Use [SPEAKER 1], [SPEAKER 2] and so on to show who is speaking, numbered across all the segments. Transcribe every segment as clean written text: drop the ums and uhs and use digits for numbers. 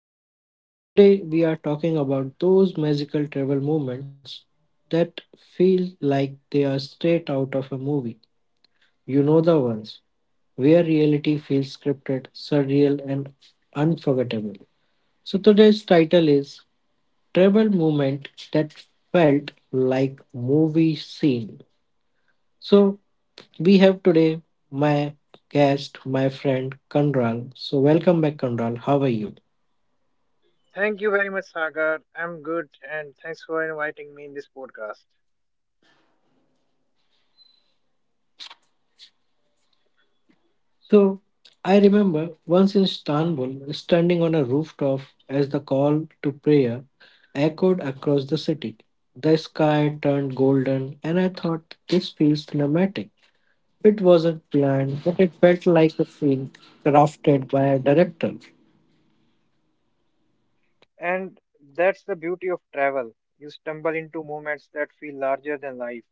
[SPEAKER 1] Talk with Viz. Today we are talking about those magical travel moments that feel like they are straight out of a movie. You know the ones where reality feels scripted, surreal, and unforgettable. So today's title is Travel Moment That Felt Like Movie Scene. So we have today my guest, my friend Kandral. So welcome back, Kandral. How are you?
[SPEAKER 2] Thank you very much, Sagar. I'm good, and thanks for inviting me in this podcast.
[SPEAKER 1] So I remember once in Istanbul, standing on a rooftop as the call to prayer echoed across the city. The sky turned golden, and I thought this feels cinematic. It wasn't planned, but it felt like a scene crafted by a director.
[SPEAKER 2] And that's the beauty of travel. You stumble into moments that feel larger than life.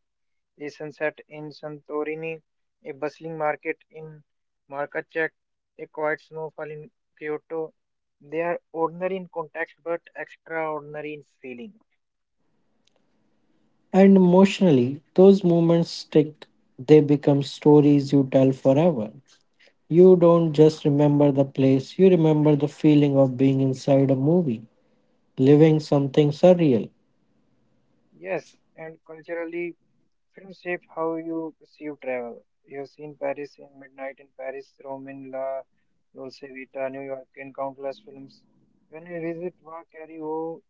[SPEAKER 2] A sunset in Santorini, a bustling market in Markacek, a quiet snowfall in Kyoto. They are ordinary in context but extraordinary in feeling.
[SPEAKER 1] And emotionally, those moments stick. They become stories you tell forever. You don't just remember the place, you remember the feeling of being inside a movie, living something surreal.
[SPEAKER 2] Yes, and culturally Film shape how you perceive travel. You have seen Paris in Midnight in Paris, Rome in La Dolce Vita, New York in countless films. When we visit Vacario,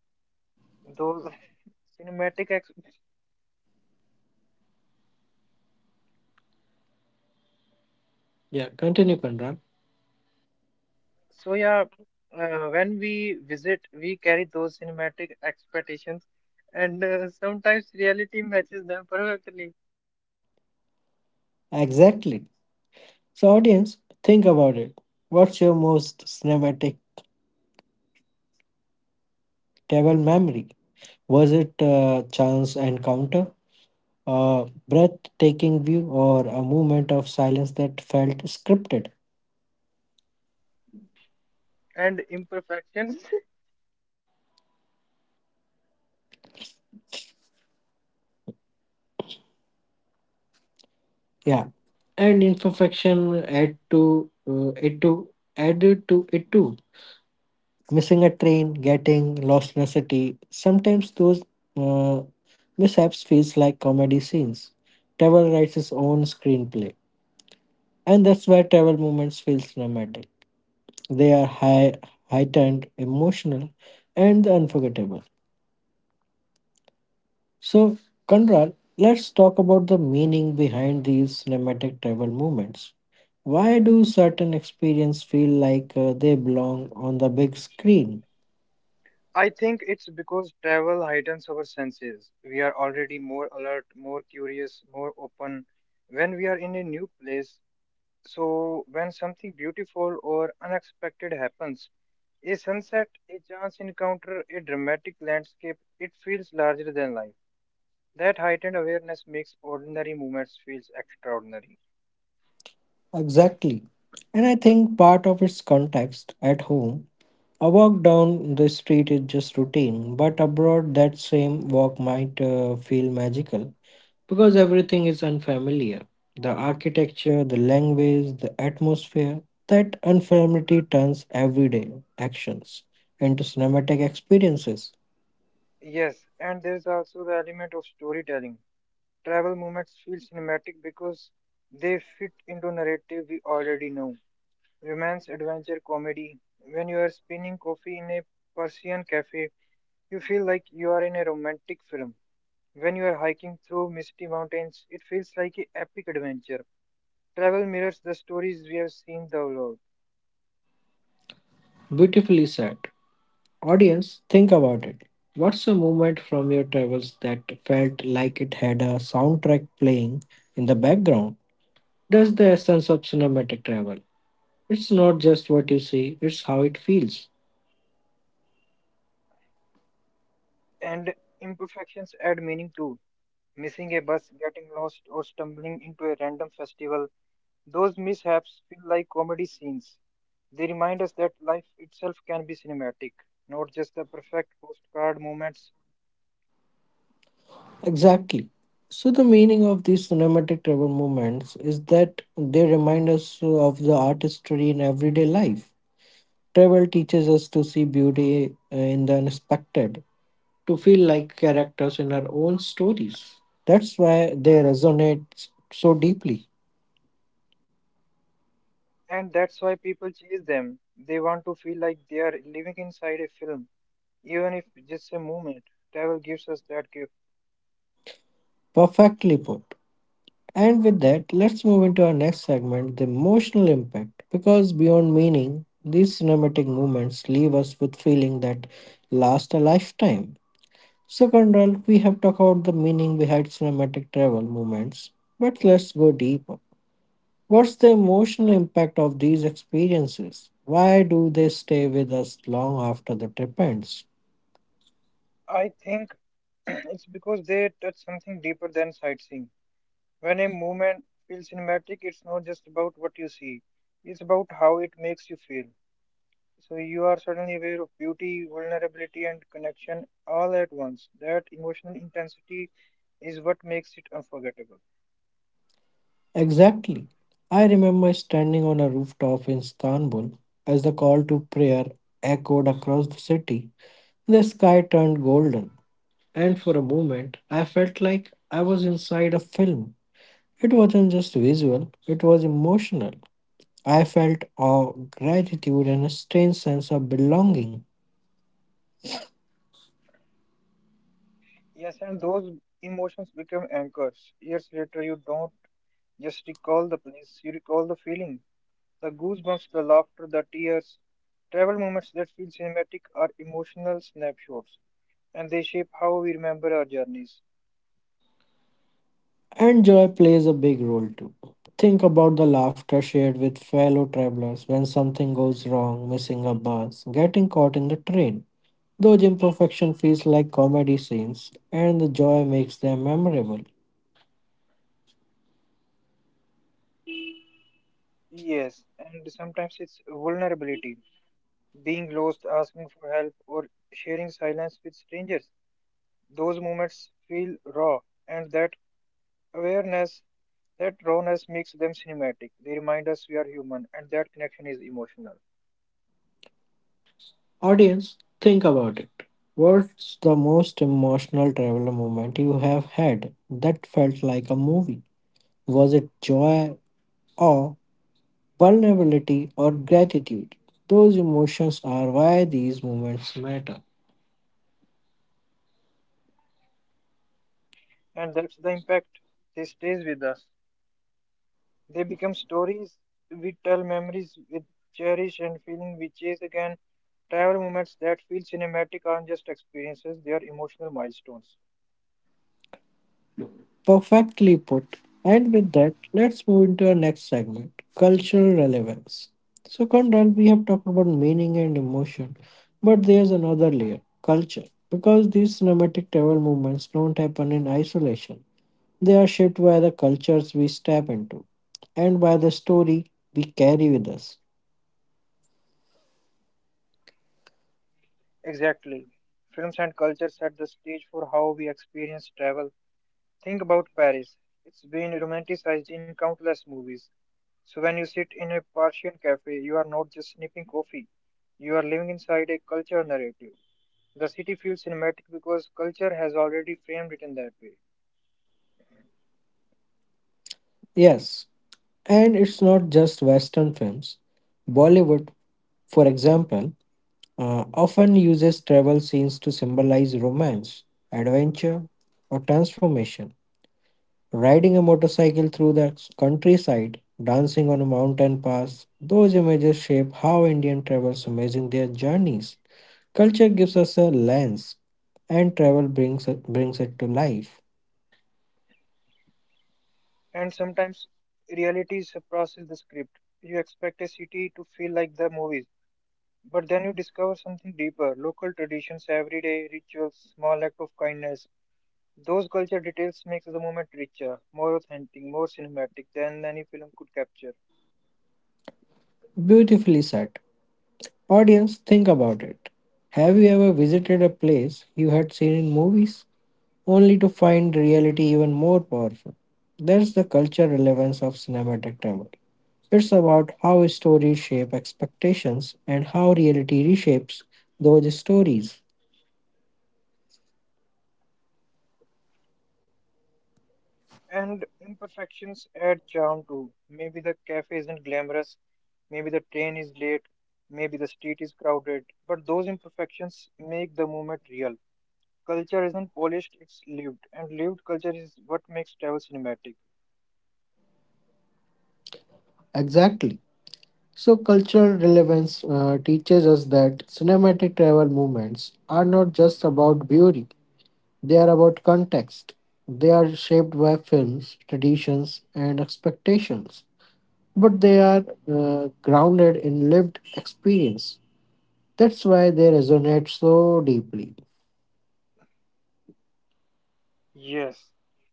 [SPEAKER 2] those cinematic ex-
[SPEAKER 1] Yeah, continue, Conrad.
[SPEAKER 2] so yeah, when we visit, we carry those cinematic expectations, and sometimes reality matches them perfectly,
[SPEAKER 1] Exactly. So, audience, think about it. What's your most cinematic travel memory? Was it a chance encounter, a breathtaking view, or a moment of silence that felt scripted?
[SPEAKER 2] and imperfections.
[SPEAKER 1] Yeah, and imperfection add to it to added to it too. Missing a train, getting lost in a city. Sometimes those uh, mishaps feels like comedy scenes. Travel writes his own screenplay. And that's why travel moments feels dramatic. They are high, heightened, emotional, and unforgettable. So, Conrad, let's talk about the meaning behind these cinematic travel moments. Why do certain experiences feel like they belong on the big screen?
[SPEAKER 2] I think it's because travel heightens our senses. We are already more alert, more curious, more open when we are in a new place. So, when something beautiful or unexpected happens, a sunset, a chance encounter, a dramatic landscape, it feels larger than life. That heightened awareness makes ordinary moments feel extraordinary.
[SPEAKER 1] Exactly. And I think part of its context at home, a walk down the street is just routine, but abroad that same walk might feel magical because everything is unfamiliar. The architecture, the language, the atmosphere, that unfamiliarity turns everyday actions into cinematic experiences.
[SPEAKER 2] Yes, and there's also the element of storytelling. Travel moments feel cinematic because they fit into narrative we already know romance, adventure, comedy. When you are spinning coffee in a Persian cafe, you feel like you are in a romantic film. When you are hiking through misty mountains, it feels like an epic adventure. Travel mirrors the stories we have seen the world,
[SPEAKER 1] Beautifully said. Audience, think about it. What's a moment from your travels that felt like it had a soundtrack playing in the background? That's the essence of cinematic travel. It's not just what you see, it's how it feels.
[SPEAKER 2] and imperfections add meaning too. Missing a bus, getting lost, or stumbling into a random festival, those mishaps feel like comedy scenes. They remind us that life itself can be cinematic, not just the perfect postcard moments.
[SPEAKER 1] Exactly. So, the meaning of these cinematic travel movements is that they remind us of the artistry in everyday life. Travel teaches us to see beauty in the unexpected, to feel like characters in our own stories. That's why they resonate so deeply.
[SPEAKER 2] And that's why people chase them. They want to feel like they are living inside a film, even if just a moment. Travel gives us that gift.
[SPEAKER 1] Perfectly put. And with that, let's move into our next segment the emotional impact. Because beyond meaning, these cinematic movements leave us with feeling that last a lifetime. So, Conrad, we have talked about the meaning behind cinematic travel movements, but let's go deeper. What's the emotional impact of these experiences? Why do they stay with us long after the trip ends?
[SPEAKER 2] I think it's because they touch something deeper than sightseeing. When a movement feels cinematic, it's not just about what you see, it's about how it makes you feel. So you are suddenly aware of beauty, vulnerability, and connection all at once. That emotional intensity is what makes it unforgettable.
[SPEAKER 1] Exactly. I remember standing on a rooftop in Istanbul as the call to prayer echoed across the city. The sky turned golden, and for a moment, I felt like I was inside a film. It wasn't just visual, it was emotional. I felt awe, gratitude, and a strange sense of belonging.
[SPEAKER 2] Yes, and those emotions become anchors. Years later, you don't just recall the place, you recall the feeling. The goosebumps, the laughter, the tears, travel moments that feel cinematic are emotional snapshots, and they shape how we remember our journeys.
[SPEAKER 1] And joy plays a big role too. Think about the laughter shared with fellow travelers when something goes wrong, missing a bus, getting caught in the train. Those imperfection feels like comedy scenes, and the joy makes them memorable.
[SPEAKER 2] Yes, and sometimes it's vulnerability, being lost, asking for help, or sharing silence with strangers. Those moments feel raw, and awareness that rawness makes them cinematic. They remind us we are human, and that connection is emotional.
[SPEAKER 1] Audience, think about it. What's the most emotional traveler moment you have had that felt like a movie? Was it joy, awe, vulnerability, or gratitude. Those emotions are why these moments matter.
[SPEAKER 2] And that's the impact. They stays with us. They become stories we tell, memories we cherish, and feeling we chase again. Travel moments that feel cinematic aren't just experiences; they are emotional milestones.
[SPEAKER 1] Perfectly put. And with that, let's move into our next segment cultural relevance. So, Conrad, we have talked about meaning and emotion, but there's another layer culture. Because these cinematic travel movements don't happen in isolation, they are shaped by the cultures we step into and by the story we carry with us.
[SPEAKER 2] Exactly. Films and culture set the stage for how we experience travel. Think about Paris. It's been romanticized in countless movies. So when you sit in a Persian cafe, you are not just sipping coffee. You are living inside a culture narrative. The city feels cinematic because culture has already framed it in that way.
[SPEAKER 1] Yes, and it's not just Western films. Bollywood, for example, often uses travel scenes to symbolize romance, adventure, or transformation. Riding a motorcycle through the countryside, dancing on a mountain pass, those images shape how Indian travelers imagine their journeys. Culture gives us a lens, and travel brings it to life.
[SPEAKER 2] And sometimes reality surpasses the script. You expect a city to feel like the movies, but then you discover something deeper: local traditions, everyday rituals, small act of kindness. Those culture details makes the moment richer, more authentic, more cinematic than any film could capture.
[SPEAKER 1] Beautifully said. Audience, think about it. Have you ever visited a place you had seen in movies only to find reality even more powerful? That's the cultural relevance of cinematic travel. It's about how stories shape expectations and how reality reshapes those stories.
[SPEAKER 2] And imperfections add charm too. Maybe the cafe isn't glamorous, maybe the train is late, maybe the street is crowded, but those imperfections make the moment real. Culture isn't polished, it's lived, and lived culture is what makes travel cinematic.
[SPEAKER 1] Exactly. So, cultural relevance teaches us that cinematic travel movements are not just about beauty, they are about context. They are shaped by films, traditions, and expectations, but they are grounded in lived experience. That's why they resonate so deeply.
[SPEAKER 2] Yes,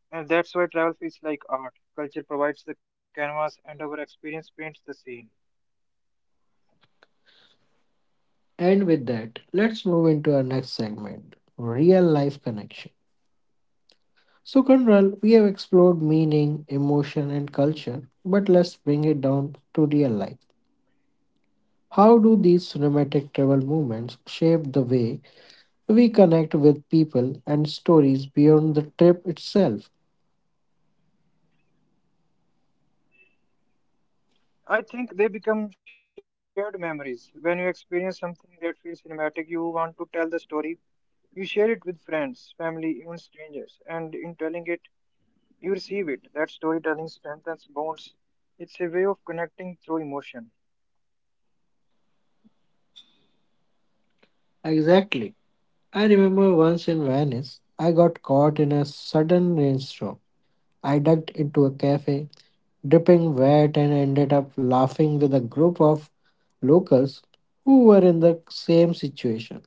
[SPEAKER 2] and that's why travel feels like art. Culture provides the canvas, and our experience paints the scene.
[SPEAKER 1] And with that, let's move into our next segment real life connection. So, Conral, we have explored meaning, emotion, and culture, but let's bring it down to real life. How do these cinematic travel movements shape the way we connect with people and stories beyond the trip itself.
[SPEAKER 2] I think they become shared memories. When you experience something that feels cinematic, you want to tell the story. You share it with friends, family, even strangers, and in telling it, you receive it. That storytelling strengthens bonds. It's a way of connecting through emotion.
[SPEAKER 1] Exactly. I remember once in Venice, I got caught in a sudden rainstorm. I ducked into a cafe, dripping wet, and ended up laughing with a group of locals who were in the same situation.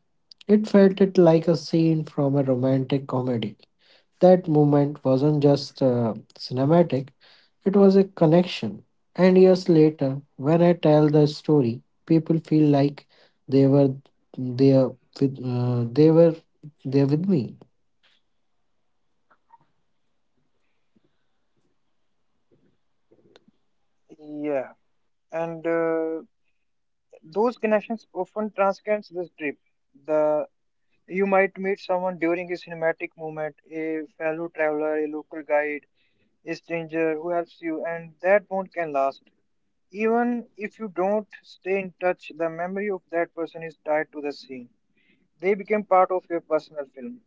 [SPEAKER 1] It felt it like a scene from a romantic comedy. That moment wasn't just cinematic, it was a connection. And years later, when I tell the story, people feel like they were there they were there with me.
[SPEAKER 2] Yeah, and those connections often transcends the trip. The You might meet someone during a cinematic moment, a fellow traveler, a local guide, a stranger who helps you, and that bond can last. Even if you don't stay in touch, the memory of that person is tied to the scene. They became part of your personal film.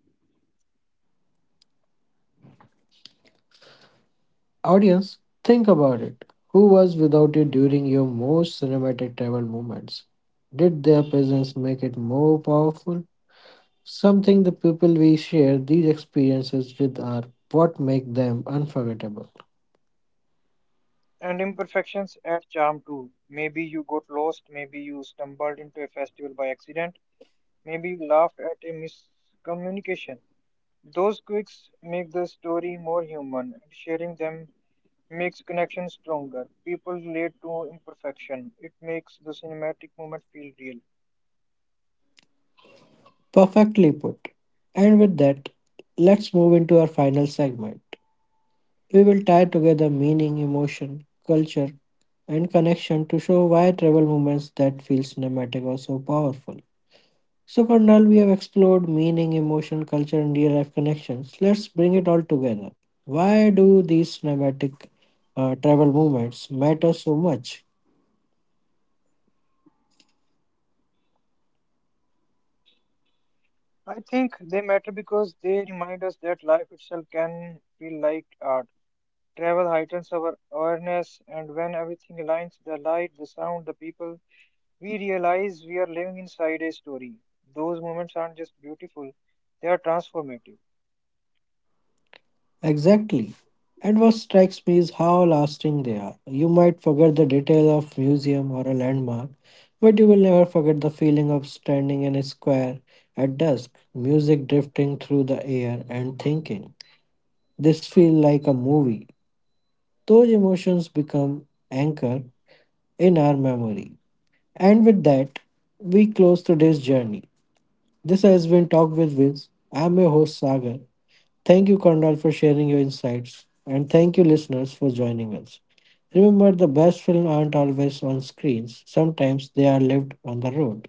[SPEAKER 1] Audience, think about it. Who was without you during your most cinematic travel moments? Did their presence make it more powerful? Something the people we share these experiences with are what make them unforgettable.
[SPEAKER 2] And imperfections add charm too. Maybe you got lost, maybe you stumbled into a festival by accident, maybe you laughed at a miscommunication. Those quirks make the story more human, and sharing them makes connection stronger. People relate to imperfection. It makes the cinematic moment feel real.
[SPEAKER 1] Perfectly put. And with that, let's move into our final segment we will tie together meaning, emotion, culture, and connection to show why travel moments that feel cinematic are so powerful. So, Karnal, we have explored meaning, emotion, culture, and real life connections. Let's bring it all together. Why do these cinematic travel moments matter so much?
[SPEAKER 2] I think they matter because they remind us that life itself can feel like art. Travel heightens our awareness, and when everything aligns the light, the sound, the people we realize we are living inside a story. Those moments aren't just beautiful, they are transformative.
[SPEAKER 1] Exactly. And what strikes me is how lasting they are. You might forget the detail of museum or a landmark, but you will never forget the feeling of standing in a square at dusk, music drifting through the air and thinking. This feel like a movie. Those emotions become anchor in our memory. And with that, we close today's journey. This has been Talk with Wiz. I'm your host Sagar. Thank you, Kondal, for sharing your insights. And thank you, listeners, for joining us. Remember, the best films aren't always on screens, sometimes they are lived on the road.